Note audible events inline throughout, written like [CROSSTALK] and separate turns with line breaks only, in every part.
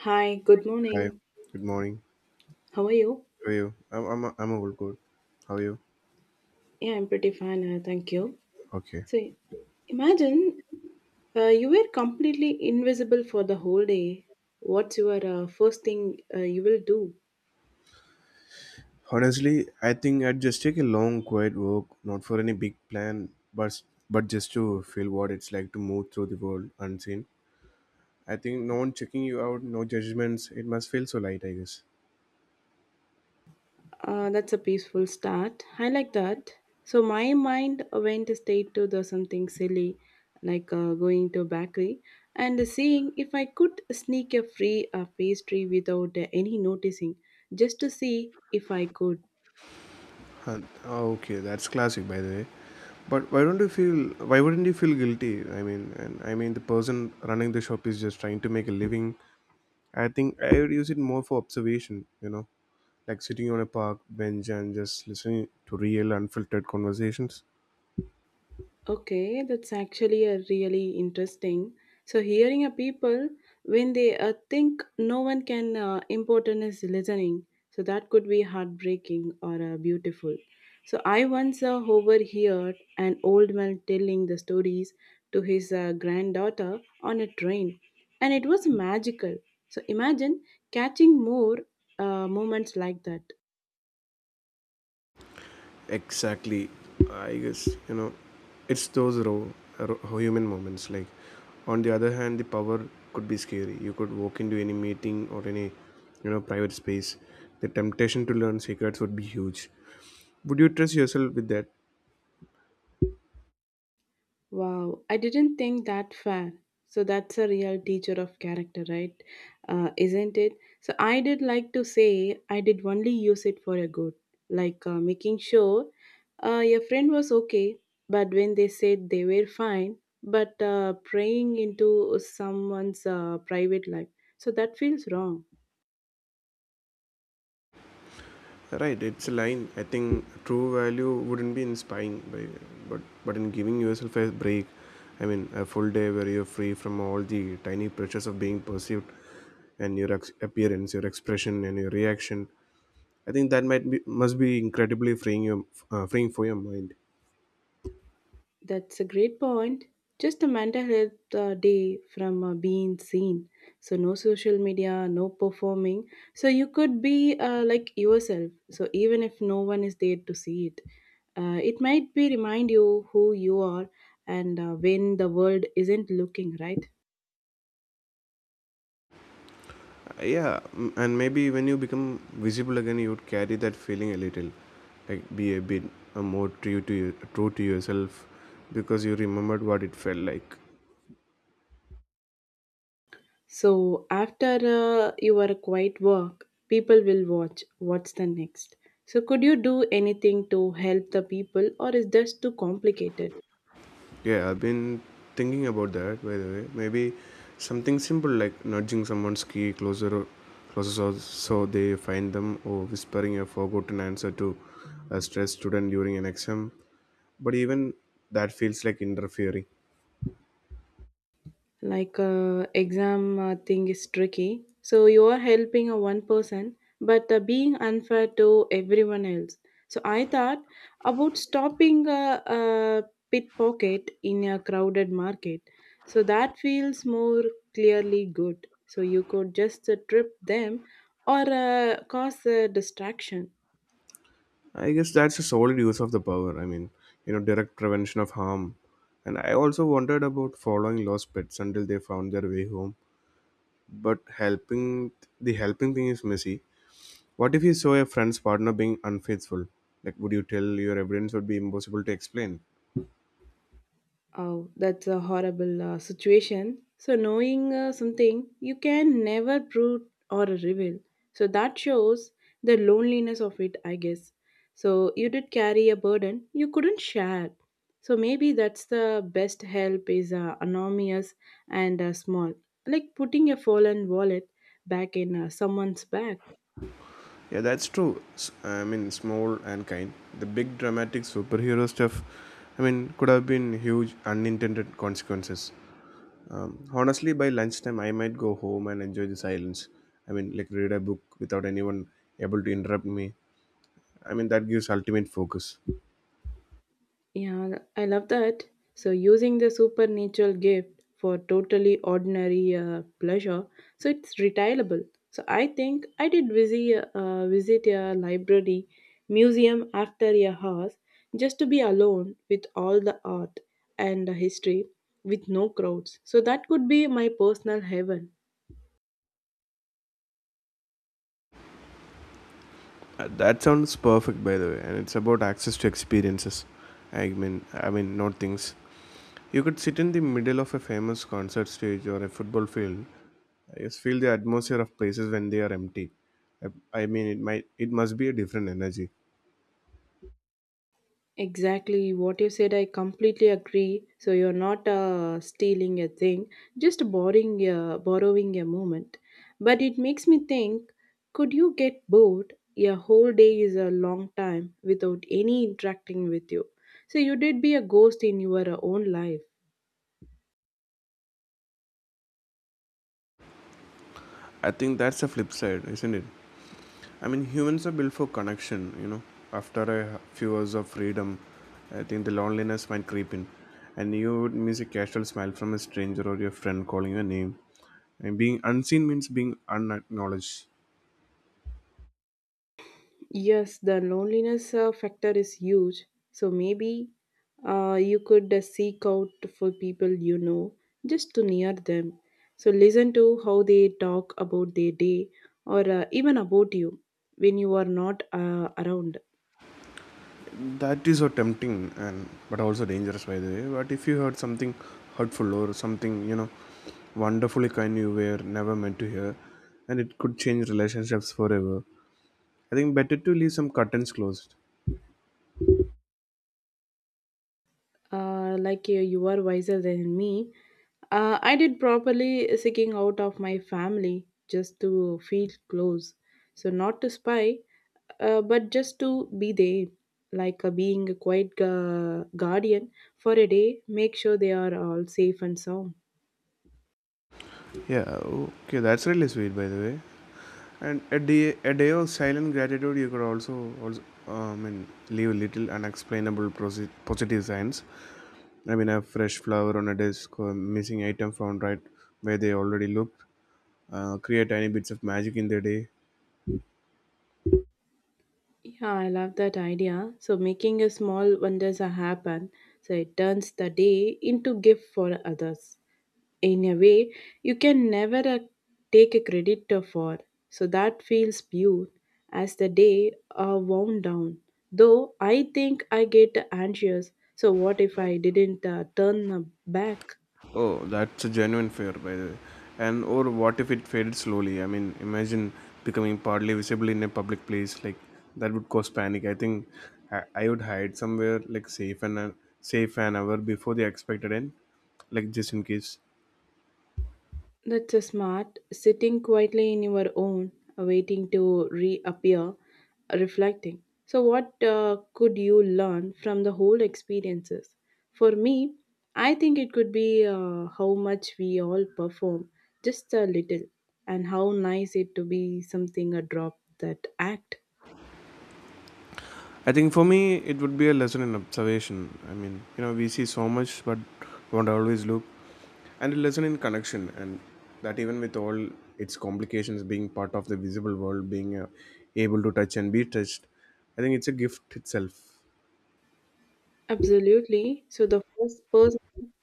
Hi, good
Hi,
morning.
good morning.
How are you?
How are you? I'm all good. How are you?
Yeah, I'm pretty fine. Thank you.
Okay.
So, imagine you were completely invisible for the whole day. What's your first thing you will do?
Honestly, I think I'd just take a long, quiet walk, not for any big plan, but just to feel what it's like to move through the world unseen. I think no one checking you out, no judgments. It must feel so light, I guess.
That's a peaceful start. I like that. So, my mind went straight to the something silly, like going to a bakery and seeing if I could sneak a free pastry without any noticing, just to see if I could.
Huh. Oh, okay, that's classic, by the way. But why don't you feel? Why wouldn't you feel guilty? I mean, the person running the shop is just trying to make a living. I think I would use it more for observation, you know, like sitting on a park bench and just listening to real unfiltered conversations.
Okay, that's actually a really interesting. So hearing a people when they think no one can important is listening. So that could be heartbreaking or beautiful. So I once overheard an old man telling the stories to his granddaughter on a train, and it was magical. So imagine catching more moments like that.
Exactly, I guess, you know it's those raw human moments. Like, on the other hand, the power could be scary. You could walk into any meeting or any, you know, private space. The temptation to learn secrets would be huge. Would you trust yourself with that?
Wow, I didn't think that far. So that's a real teacher of character, right? Isn't it? So I did like to say I did only use it for a good, like making sure your friend was okay, but when they said they were fine, but praying into someone's private life. So that feels wrong.
Right, it's a line. I think true value wouldn't be in spying, but in giving yourself a break. I mean, a full day where you're free from all the tiny pressures of being perceived, and your appearance, your expression, and your reaction. I think that might be must be incredibly freeing for your mind.
That's a great point. Just a mental health day from being seen. So, no social media, no performing. So, you could be like yourself. So, even if no one is there to see it, it might be remind you who you are and when the world isn't looking, right?
Yeah, mm, and maybe when you become visible again, you would carry that feeling a little, like be a bit more true to true to yourself, because you remembered what it felt like.
So, after your quiet work, people will watch what's the next. So, could you do anything to help the people, or is this too complicated?
Yeah, I've been thinking about that. By the way, maybe something simple like nudging someone's key closer so they find them, or whispering a forgotten answer to a stressed student during an exam. But even that feels like interfering.
Like exam thing is tricky, so you are helping a one person but being unfair to everyone else, so I thought about stopping a pickpocket in a crowded market, so that feels more clearly good, so you could just trip them or cause a distraction.
I guess that's a solid use of the power. I mean, you know, direct prevention of harm. And I also wondered about following lost pets until they found their way home. But helping the helping thing is messy. What if you saw a friend's partner being unfaithful? Like, would you tell? Your evidence would be impossible to explain.
Oh, that's a horrible situation. So, knowing something you can never prove or reveal. So, that shows the loneliness of it, I guess. So, you did carry a burden you couldn't share. So, maybe that's the best help is anonymous and small, like putting a fallen wallet back in someone's bag.
Yeah, that's true. I mean, small and kind. The big dramatic superhero stuff, I mean, could have been huge unintended consequences. Honestly, by lunchtime, I might go home and enjoy the silence. I mean, like, read a book without anyone able to interrupt me. I mean, that gives ultimate focus.
Yeah, I love that. So, using the supernatural gift for totally ordinary pleasure, so it's retailable. So, I think I did visit a library museum after a house just to be alone with all the art and the history with no crowds. So, that could be my personal heaven.
That sounds perfect, by the way, and it's about access to experiences. I mean, not things. You could sit in the middle of a famous concert stage or a football field. I just feel the atmosphere of places when they are empty. I, I mean, it must be a different energy.
Exactly what you said, I completely agree. So you're not stealing a thing, just borrowing a moment. But it makes me think, could you get bored? A whole day is a long time without any interacting with you. So you did be a ghost in your own life.
I think that's the flip side, isn't it? I mean, humans are built for connection. You know, after a few hours of freedom, I think the loneliness might creep in, and you would miss a casual smile from a stranger or your friend calling your name. And being unseen means being unacknowledged.
Yes, the loneliness factor is huge. So maybe you could seek out for people you know just to near them. So listen to how they talk about their day or even about you when you are not around.
That is so tempting and but also dangerous by the way. But if you heard something hurtful or something, you know, wonderfully kind you were never meant to hear, and it could change relationships forever. I think better to leave some curtains closed.
Like you are wiser than me. I did properly seeking out of my family just to feel close. So, not to spy, but just to be there, like being a quiet guardian for a day, make sure they are all safe and sound.
Yeah, okay, that's really sweet by the way. And a day of silent gratitude, you could also, also I mean, leave little unexplainable positive signs. I mean, a fresh flower on a desk, or missing item found right where they already looked, create tiny bits of magic in their day.
Yeah, I love that idea. So, making a small wonders a happen, so it turns the day into gift for others, in a way you can never take a credit for. So that feels pure as the day wound down. Though I think I get anxious. So what if I didn't turn back?
Oh, that's a genuine fear, by the way. And or what if it faded slowly? I mean, imagine becoming partly visible in a public place. Like that would cause panic. I think I would hide somewhere like safe an hour before the expected end, like just in case.
That's a smart. Sitting quietly in your own, waiting to reappear, reflecting. So, what could you learn from the whole experiences? For me, I think it could be how much we all perform, just a little, and how nice it to be something a drop that act.
I think for me, it would be a lesson in observation. I mean, you know, we see so much, but don't always look. And a lesson in connection, and that even with all its complications, being part of the visible world, being able to touch and be touched, I think it's a gift itself.
Absolutely. So the first person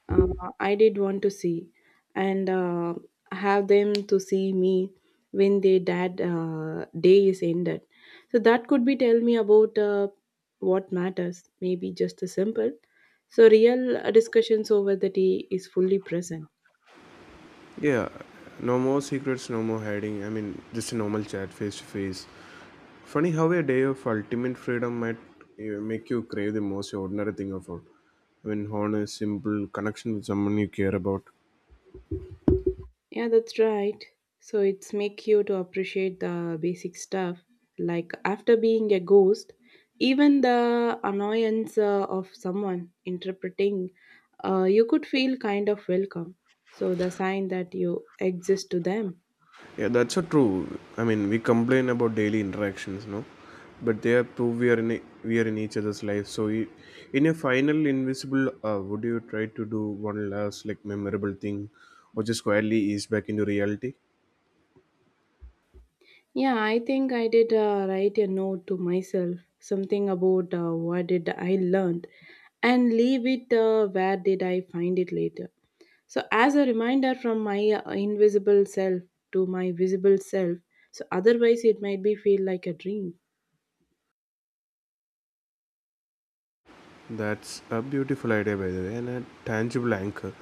uh, I did want to see and have them to see me when their dad day is ended. So that could be tell me about what matters, maybe just a simple. So real discussions over the tea is fully present.
Yeah, no more secrets, no more hiding. I mean, just a normal chat face to face. Funny how a day of ultimate freedom might make you crave the most ordinary thing of all. I mean, honest, simple connection with someone you care about.
Yeah, that's right. So it's make you to appreciate the basic stuff. Like after being a ghost, even the annoyance of someone interpreting, you could feel kind of welcome. So the sign that you exist to them.
Yeah, that's so true. I mean, we complain about daily interactions, no, but they are proof we are in each other's life. So, in a final invisible, would you try to do one last like memorable thing, or just quietly ease back into reality?
Yeah, I think I did write a note to myself, something about what did I learned, and leave it where did I find it later. So, as a reminder from my invisible self to my visible self, so otherwise it might be feel like a dream.
That's a beautiful idea, by the way, and a tangible anchor.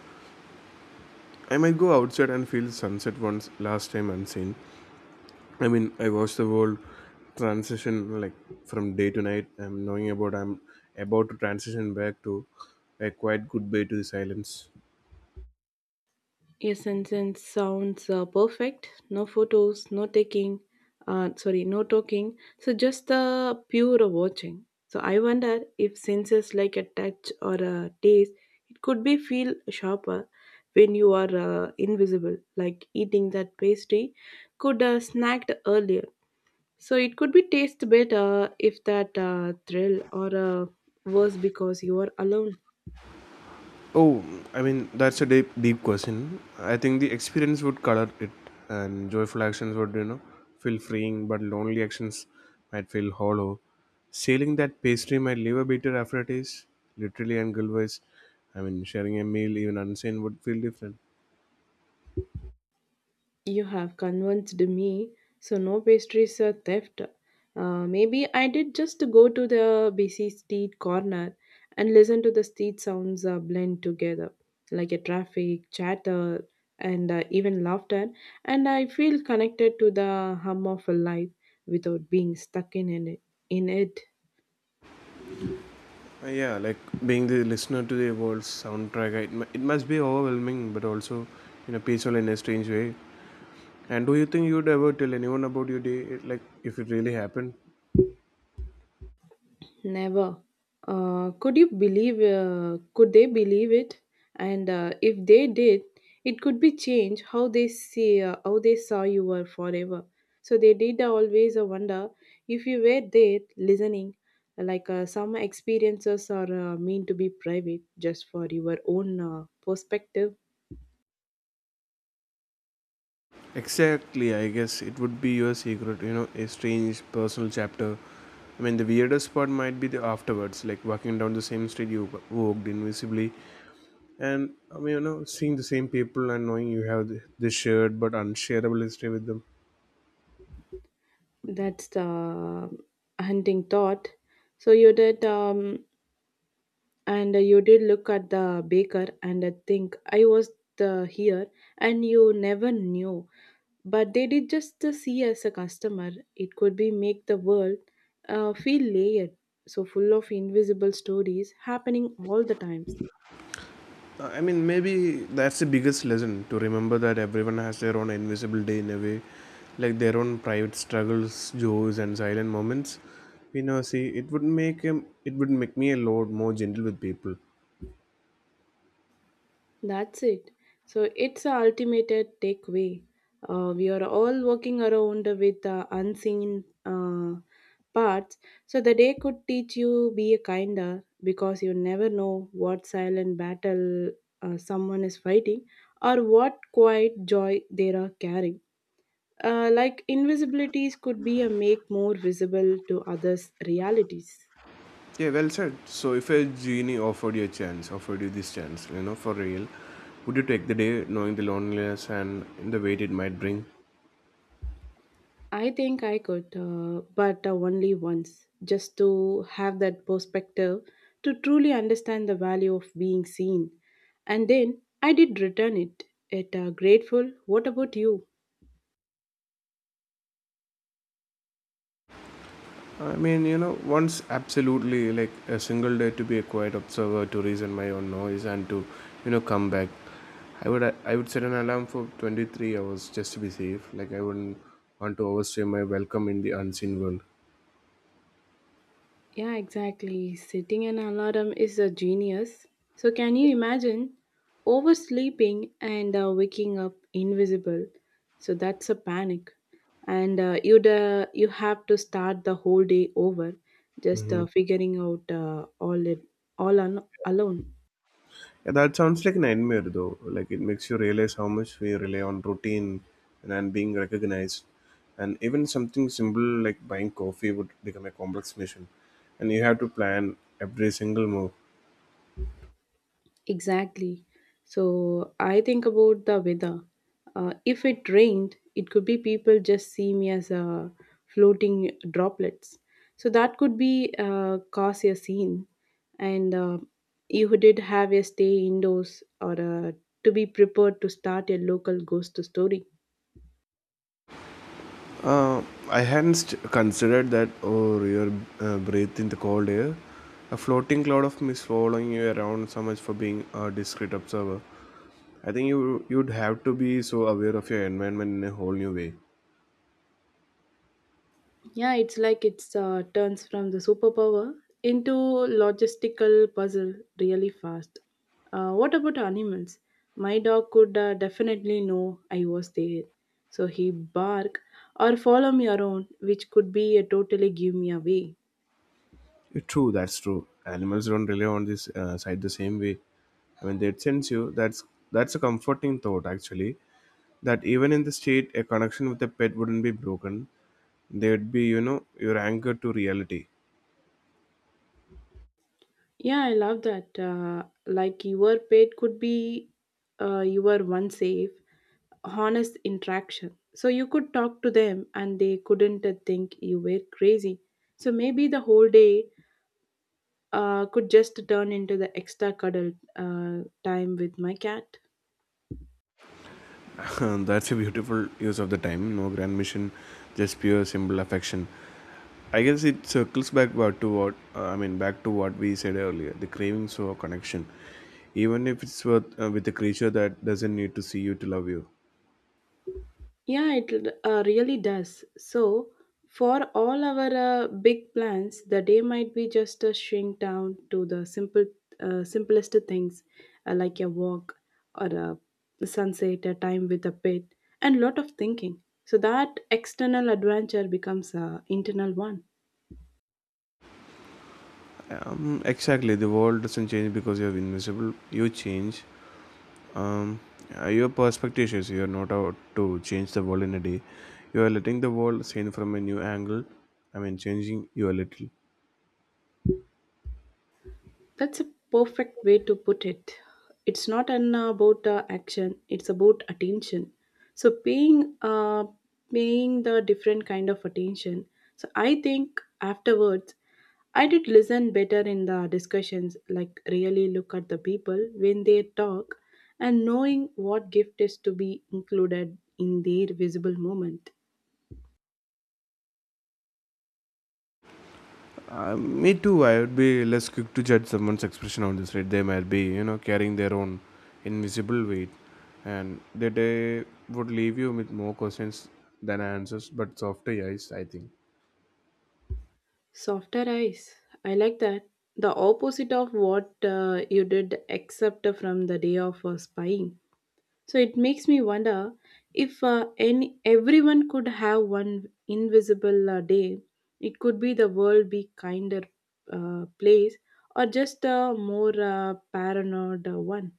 I might go outside and feel sunset once last time unseen. I mean, I watched the whole transition like from day to night. I'm about to transition back to a quiet goodbye to the silence.
Yes, and since sounds perfect, no photos, no taking, sorry, no talking, so just the pure watching. So, I wonder if senses like a touch or a taste, it could be feel sharper when you are invisible, like eating that pastry could snacked earlier. So it could be taste better if that thrill or worse because you are alone.
Oh, I mean that's a deep question. I think the experience would color it, and joyful actions would, you know, feel freeing, but lonely actions might feel hollow. Sailing that pastry might leave a bitter aftertaste, literally and otherwise. I mean, sharing a meal even unseen would feel different.
You have convinced me, so no pastries are theft. Maybe I did just go to the busy street corner and listen to the street sounds blend together, like a traffic, chatter, and even laughter. And I feel connected to the hum of a life without being stuck in it. In it.
Yeah, like being the listener to the world's soundtrack, it must be overwhelming, but also in a peaceful and a strange way. And do you think you'd ever tell anyone about your day, like if it really happened?
Never. Could you believe? Could they believe it? And if they did, it could be changed how they saw you were forever. So they did always wonder if you were there listening. Like some experiences are meant to be private, just for your own perspective.
Exactly, I guess it would be your secret, you know, a strange personal chapter. I mean, the weirdest part might be the afterwards, like walking down the same street you walked invisibly, and I mean, you know, seeing the same people and knowing you have this shared but unshareable history with them.
That's the hunting thought. So you did. And you did look at the baker and think I was the here and you never knew, but they did just see as a customer. It could be make the world feel layered, so full of invisible stories happening all the time.
I mean, maybe that's the biggest lesson, to remember that everyone has their own invisible day in a way, like their own private struggles, joys, and silent moments we never see. It would make him. It would make me a lot more gentle with people.
That's it. So it's a ultimate takeaway. We are all working around with the unseen parts. So the day could teach you be a kinder because you never know what silent battle someone is fighting or what quiet joy they are carrying. Like invisibilities could be a make more visible to others' realities.
Yeah, well said. So, if a genie offered you this chance, you know, for real, would you take the day, knowing the loneliness and the weight it might bring?
I think I could, but only once, just to have that perspective to truly understand the value of being seen. And then I did return it. It grateful. What about you?
I mean, you know, once absolutely, like a single day to be a quiet observer, to reason my own noise and to, you know, come back. I would set an alarm for 23 hours just to be safe. Like I wouldn't want to overstay my welcome in the unseen world.
Yeah, exactly. Setting an alarm is a genius. So, can you imagine oversleeping and waking up invisible? So that's a panic, and you have to start the whole day over, just
Hmm.
figuring out all it all on, alone.
Yeah, that sounds like a nightmare though. Like it makes you realize how much we rely on routine and being recognized. And even something simple like buying coffee would become a complex mission. And you have to plan every single move.
Exactly. So I think about the weather. If it rained, it could be people just see me as a floating droplets. So that could be cause a scene, and you who did have a stay indoors or to be prepared to start a local ghost story.
Uh, I hadn't considered that, or your breath in the cold air. A floating cloud of mist following you around, so much for being a discreet observer. I think you'd have to be so aware of your environment in a whole new way.
Yeah, it's like it's turns from the superpower into logistical puzzle really fast. What about animals? My dog could definitely know I was there, so he bark or follow me around, which could be a totally give me away.
It's true, that's true. Animals don't rely on this side the same way. I mean, they sense you. That's a comforting thought, actually. That even in the state, a connection with a pet wouldn't be broken. They'd be, you know, your anchor to reality.
Yeah, I love that. Like your pet could be your one safe, honest interaction. So you could talk to them and they couldn't think you were crazy. So maybe the whole day could just turn into the extra cuddle time with my cat.
[LAUGHS] That's a beautiful use of the time. No grand mission, just pure simple affection. I guess it circles back to what, I mean, back to what we said earlier. The cravings for connection, even if it's with a creature that doesn't need to see you to love you.
Yeah, it really does. So, for all our big plans, the day might be just a shrink down to the simple, simplest things like a walk or a sunset, a time with a pet, and lot of thinking. So that external adventure becomes a internal one.
Exactly. The world doesn't change because you're invisible. You change. Um, your perspective is, you're not out to change the world in a day. You are letting the world seen from a new angle. I mean, changing you a little.
That's a perfect way to put it. It's not an about action; it's about attention. So paying the different kind of attention. So I think afterwards, I did listen better in the discussions. Like really look at the people when they talk, and knowing what gift is to be included in their visible moment.
Me too. I would be less quick to judge someone's expression on this. Right, they might be, you know, carrying their own invisible weight, and that they would leave you with more questions than answers, but softer yes, I think.
Softer eyes. I like that. The opposite of what you did, except from the day of spying. So it makes me wonder if any everyone could have one invisible day. It could be the world be kinder place, or just a more paranoid one.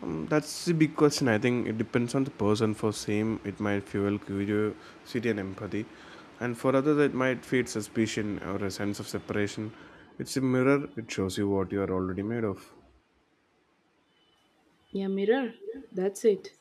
That's the big question. I think it depends on the person. For same, it might fuel curiosity and empathy, and for others, it might feed suspicion or a sense of separation. It's a mirror. It shows you what you are already made of.
Yeah, mirror? That's it.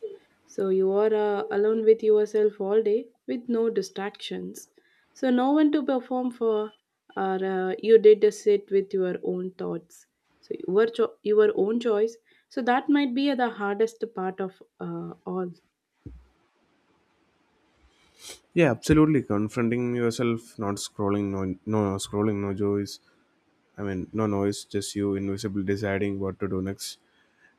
So you are alone with yourself all day with no distractions. So no one to perform for, or you did a sit with your own thoughts. So your own choice. So that might be the hardest part of all.
Yeah, absolutely. Confronting yourself, not scrolling, no scrolling, no joys. I mean, no noise, just you invisibly deciding what to do next.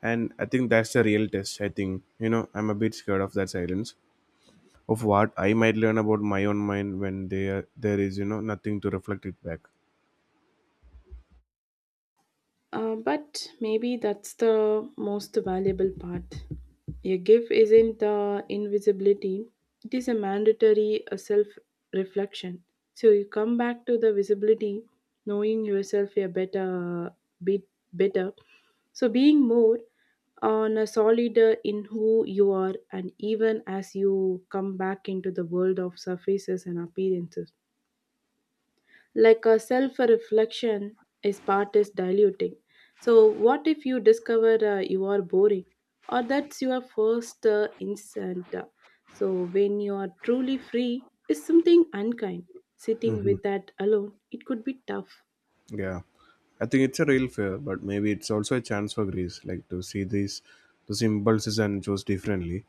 And I think that's the real test. I think, you know, I'm a bit scared of that silence, of what I might learn about my own mind when there is, you know, nothing to reflect it back.
But maybe that's the most valuable part. A gift isn't the invisibility, it is a mandatory self reflection. So you come back to the visibility, knowing yourself a better bit better. So being more on a solid in who you are, and even as you come back into the world of surfaces and appearances, like a self reflection is part, is diluting. So what if you discover you are boring, or that's your first instant? So when you are truly free, is something unkind sitting
Hmm.
with that alone? It could be tough.
Yeah. I think it's a real fear, but maybe it's also a chance for Greece, like to see these those impulses and choose differently.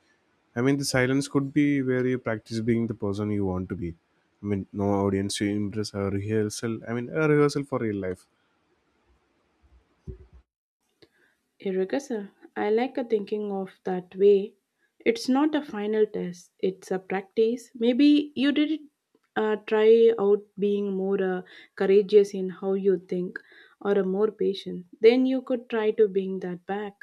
I mean, the silence could be where you practice being the person you want to be. I mean, no audience to impress a rehearsal. I mean, a rehearsal for real life.
Irrigation. I like a thinking of that way. It's not a final test, it's a practice. Maybe you did try out being more courageous in how you think, or a more patient. Then you could try to bring that back.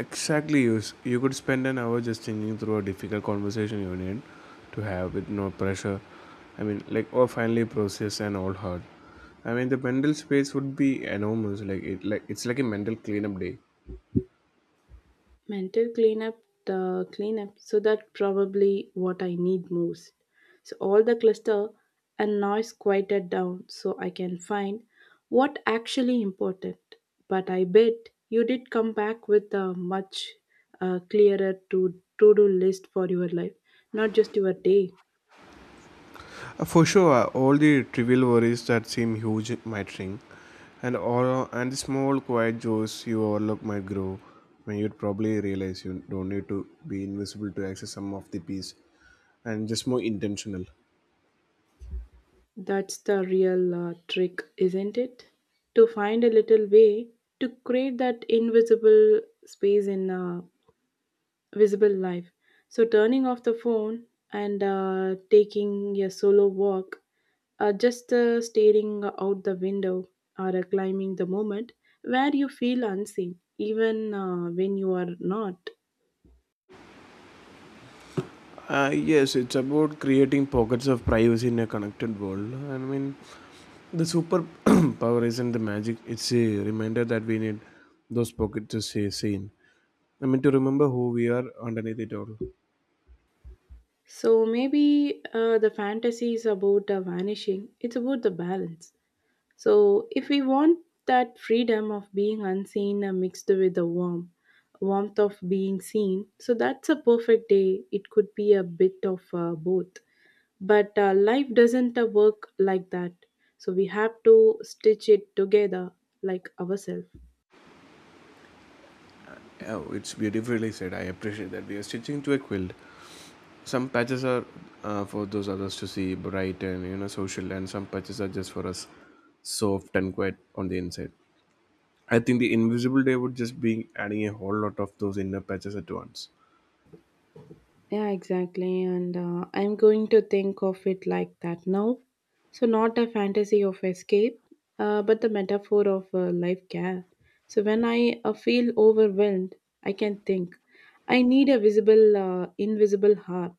Exactly, you could spend an hour just thinking through a difficult conversation you need to have with no pressure. I mean, like, or finally process an old hurt. I mean, the mental space would be enormous. Like, like it's like a mental cleanup day.
Mental cleanup, the cleanup. So that probably what I need most. So all the cluster and noise quieted down so I can find what actually important. But I bet you did come back with a much clearer to do list for your life, not just your day.
For sure, all the trivial worries that seem huge might shrink, and all and the small quiet joys you overlook might grow. When you'd probably realize you don't need to be invisible to access some of the peace, and just more intentional.
That's the real trick, isn't it? To find a little way to create that invisible space in a visible life. So, turning off the phone, and taking a solo walk, just staring out the window, or climbing the moment where you feel unseen, even when you are not.
Yes, it's about creating pockets of privacy in a connected world. I mean, the super [CLEARS THROAT] power isn't the magic; it's a reminder that we need those pockets to stay sane. I mean, to remember who we are underneath it all.
So, maybe the fantasy is about vanishing, it's about the balance. So, if we want that freedom of being unseen mixed with the warmth of being seen, so that's a perfect day. It could be a bit of both, but life doesn't work like that. So we have to stitch it together like ourselves.
Oh, it's beautifully said. I appreciate that. We are stitching to a quilt. Some patches are for those others to see, bright and you know social, and some patches are just for us, soft and quiet on the inside. I think the invisible day would just be adding a whole lot of those inner patches at once.
Yeah, exactly. And I'm going to think of it like that now. So, not a fantasy of escape, but the metaphor of life care. So, when I feel overwhelmed, I can think. I need a invisible heart.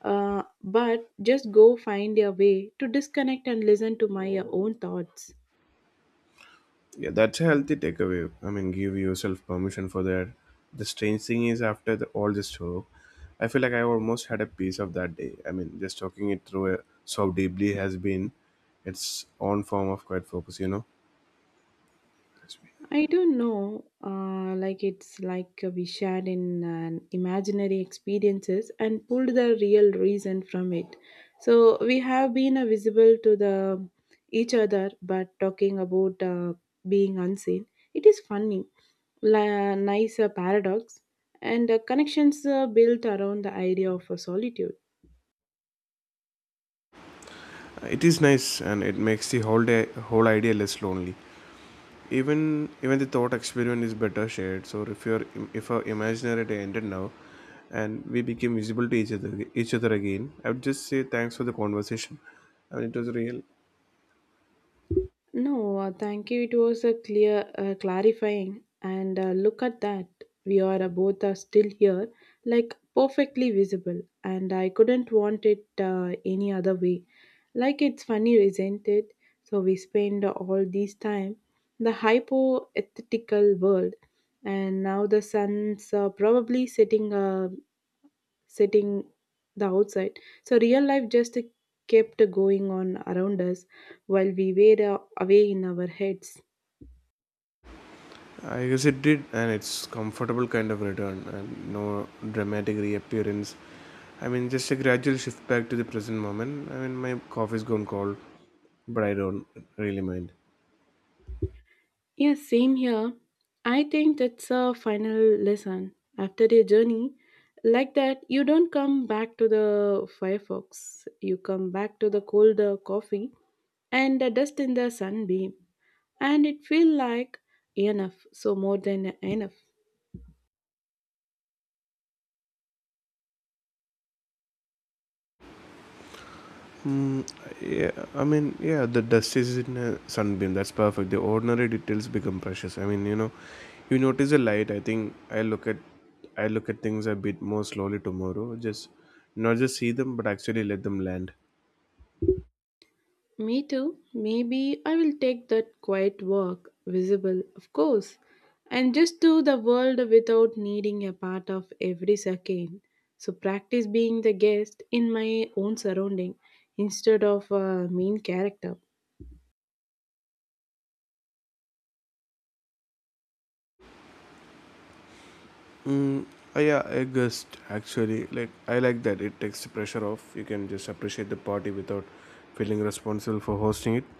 But just go find a way to disconnect and listen to my own thoughts.
Yeah, that's a healthy takeaway. I mean, give yourself permission for that. The strange thing is, after all this talk, I feel like I almost had a piece of that day. I mean, just talking it through so deeply has been its own form of quiet focus. You know,
I don't know. Like it's like we shared in an imaginary experiences and pulled the real reason from it. So we have been visible to the each other, but talking about being unseen. It is funny, nice paradox, and connections built around the idea of solitude.
it is nice and it makes the whole idea less lonely. Even Even the thought experiment is better shared. So if your if our imaginary day ended now and we became visible to each other again, I would just say thanks for the conversation. I mean it was real.
No, thank you. It was a clarifying, and look at that. We are both are still here, like perfectly visible, and I couldn't want it any other way. Like it's funny, isn't it? So we spend all this time the hypothetical world, and now the sun's probably setting sitting the outside. So real life just kept going on around us while we were away in our heads.
I guess it did and it's comfortable kind of return and no dramatic reappearance. I mean just a gradual shift back to the present moment. I mean my coffee's gone cold, but I don't really mind.
Yes, same here. I think that's a final lesson. After a journey like that, you don't come back to the Firefox. You come back to the cold coffee and the dust in the sunbeam. And it feel like enough, so more than enough.
Mm, yeah, I mean, yeah, the dust is in a sunbeam. That's perfect. The ordinary details become precious. I mean, you know, you notice a light. I look at things a bit more slowly tomorrow. Just not just see them, but actually let them land.
Me too. Maybe I will take that quiet walk, visible, of course, and just do the world without needing a part of every second. So practice being the guest in my own surrounding instead of a main character.
Mm, yeah, I guess actually, like I like that. It takes the pressure off. You can just appreciate the party without feeling responsible for hosting it.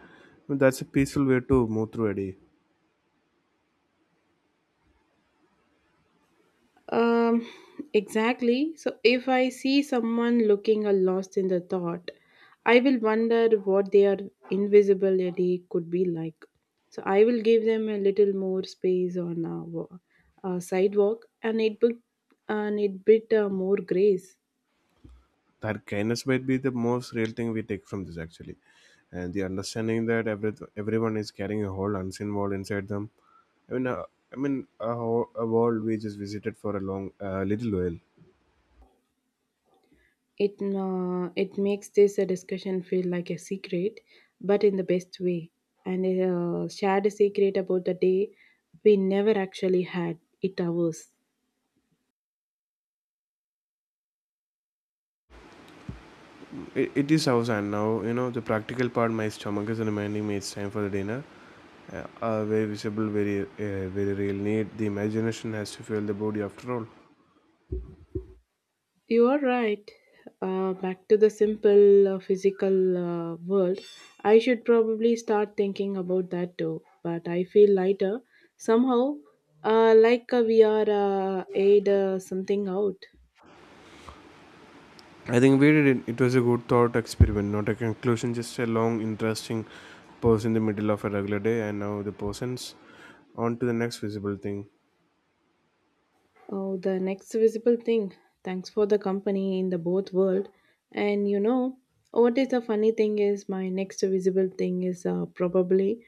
That's a peaceful way to move through a day.
Um, exactly. So if I see someone looking a lost in the thought, I will wonder what their invisibility could be like. So I will give them a little more space on a sidewalk, and it bit more grace.
That kindness might be the most real thing we take from this actually, and the understanding that everyone is carrying a whole unseen world inside them. i mean uh, I mean a world we just visited for a long little while.
It it makes this a discussion feel like a secret, but in the best way, and shared a secret about the day we never actually had. It ours.
It it is house, and now you know the practical part, my stomach is reminding me it's time for the dinner. uh, a very visible, very real need. The imagination has to fuel the body after all.
You are right. Back to the simple physical world. I should probably start thinking about that too, but I feel lighter somehow, like we are aid something out.
I think we did it. It was a good thought experiment, not a conclusion, just a long, interesting pause in the middle of a regular day, and now the person's on to the next visible thing.
Oh, the next visible thing. Thanks for the company in the both world. And you know, what is the funny thing is my next visible thing is probably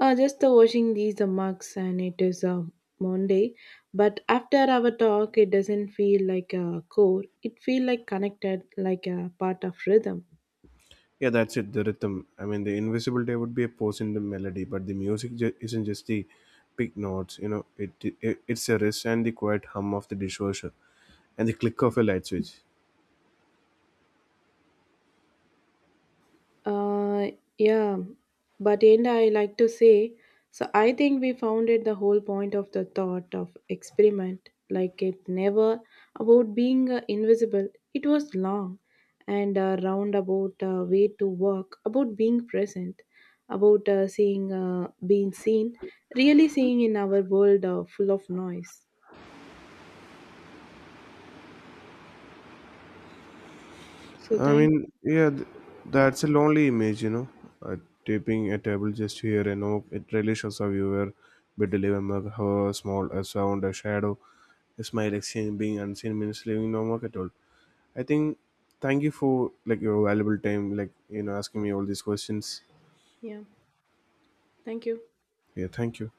Just the washing these mugs, and it is a Monday. But after our talk, it doesn't feel like a core. It feel like connected, like a part of rhythm.
Yeah, that's it, the rhythm. I mean, the invisible day would be a pause in the melody, but isn't just the big notes, you know, it's a rest and the quiet hum of the dishwasher and the click of a light switch.
Uh, yeah, but and I like to say, so I think we founded the whole point of the thought of experiment. Like it never about being invisible. It was long and a roundabout way to walk about being present, about seeing, being seen, really seeing in our world full of noise. So
I
thank,
mean, yeah, that's a lonely image, you know. Uh, Taping a table just here and oh, it really shows a viewer, bit of how a small, a sound, a shadow, a smile exchange being unseen means leaving no mark at all. I think, Thank you for like your valuable time, like, you know, asking me all these questions.
yeah, thank you.
Yeah, thank you.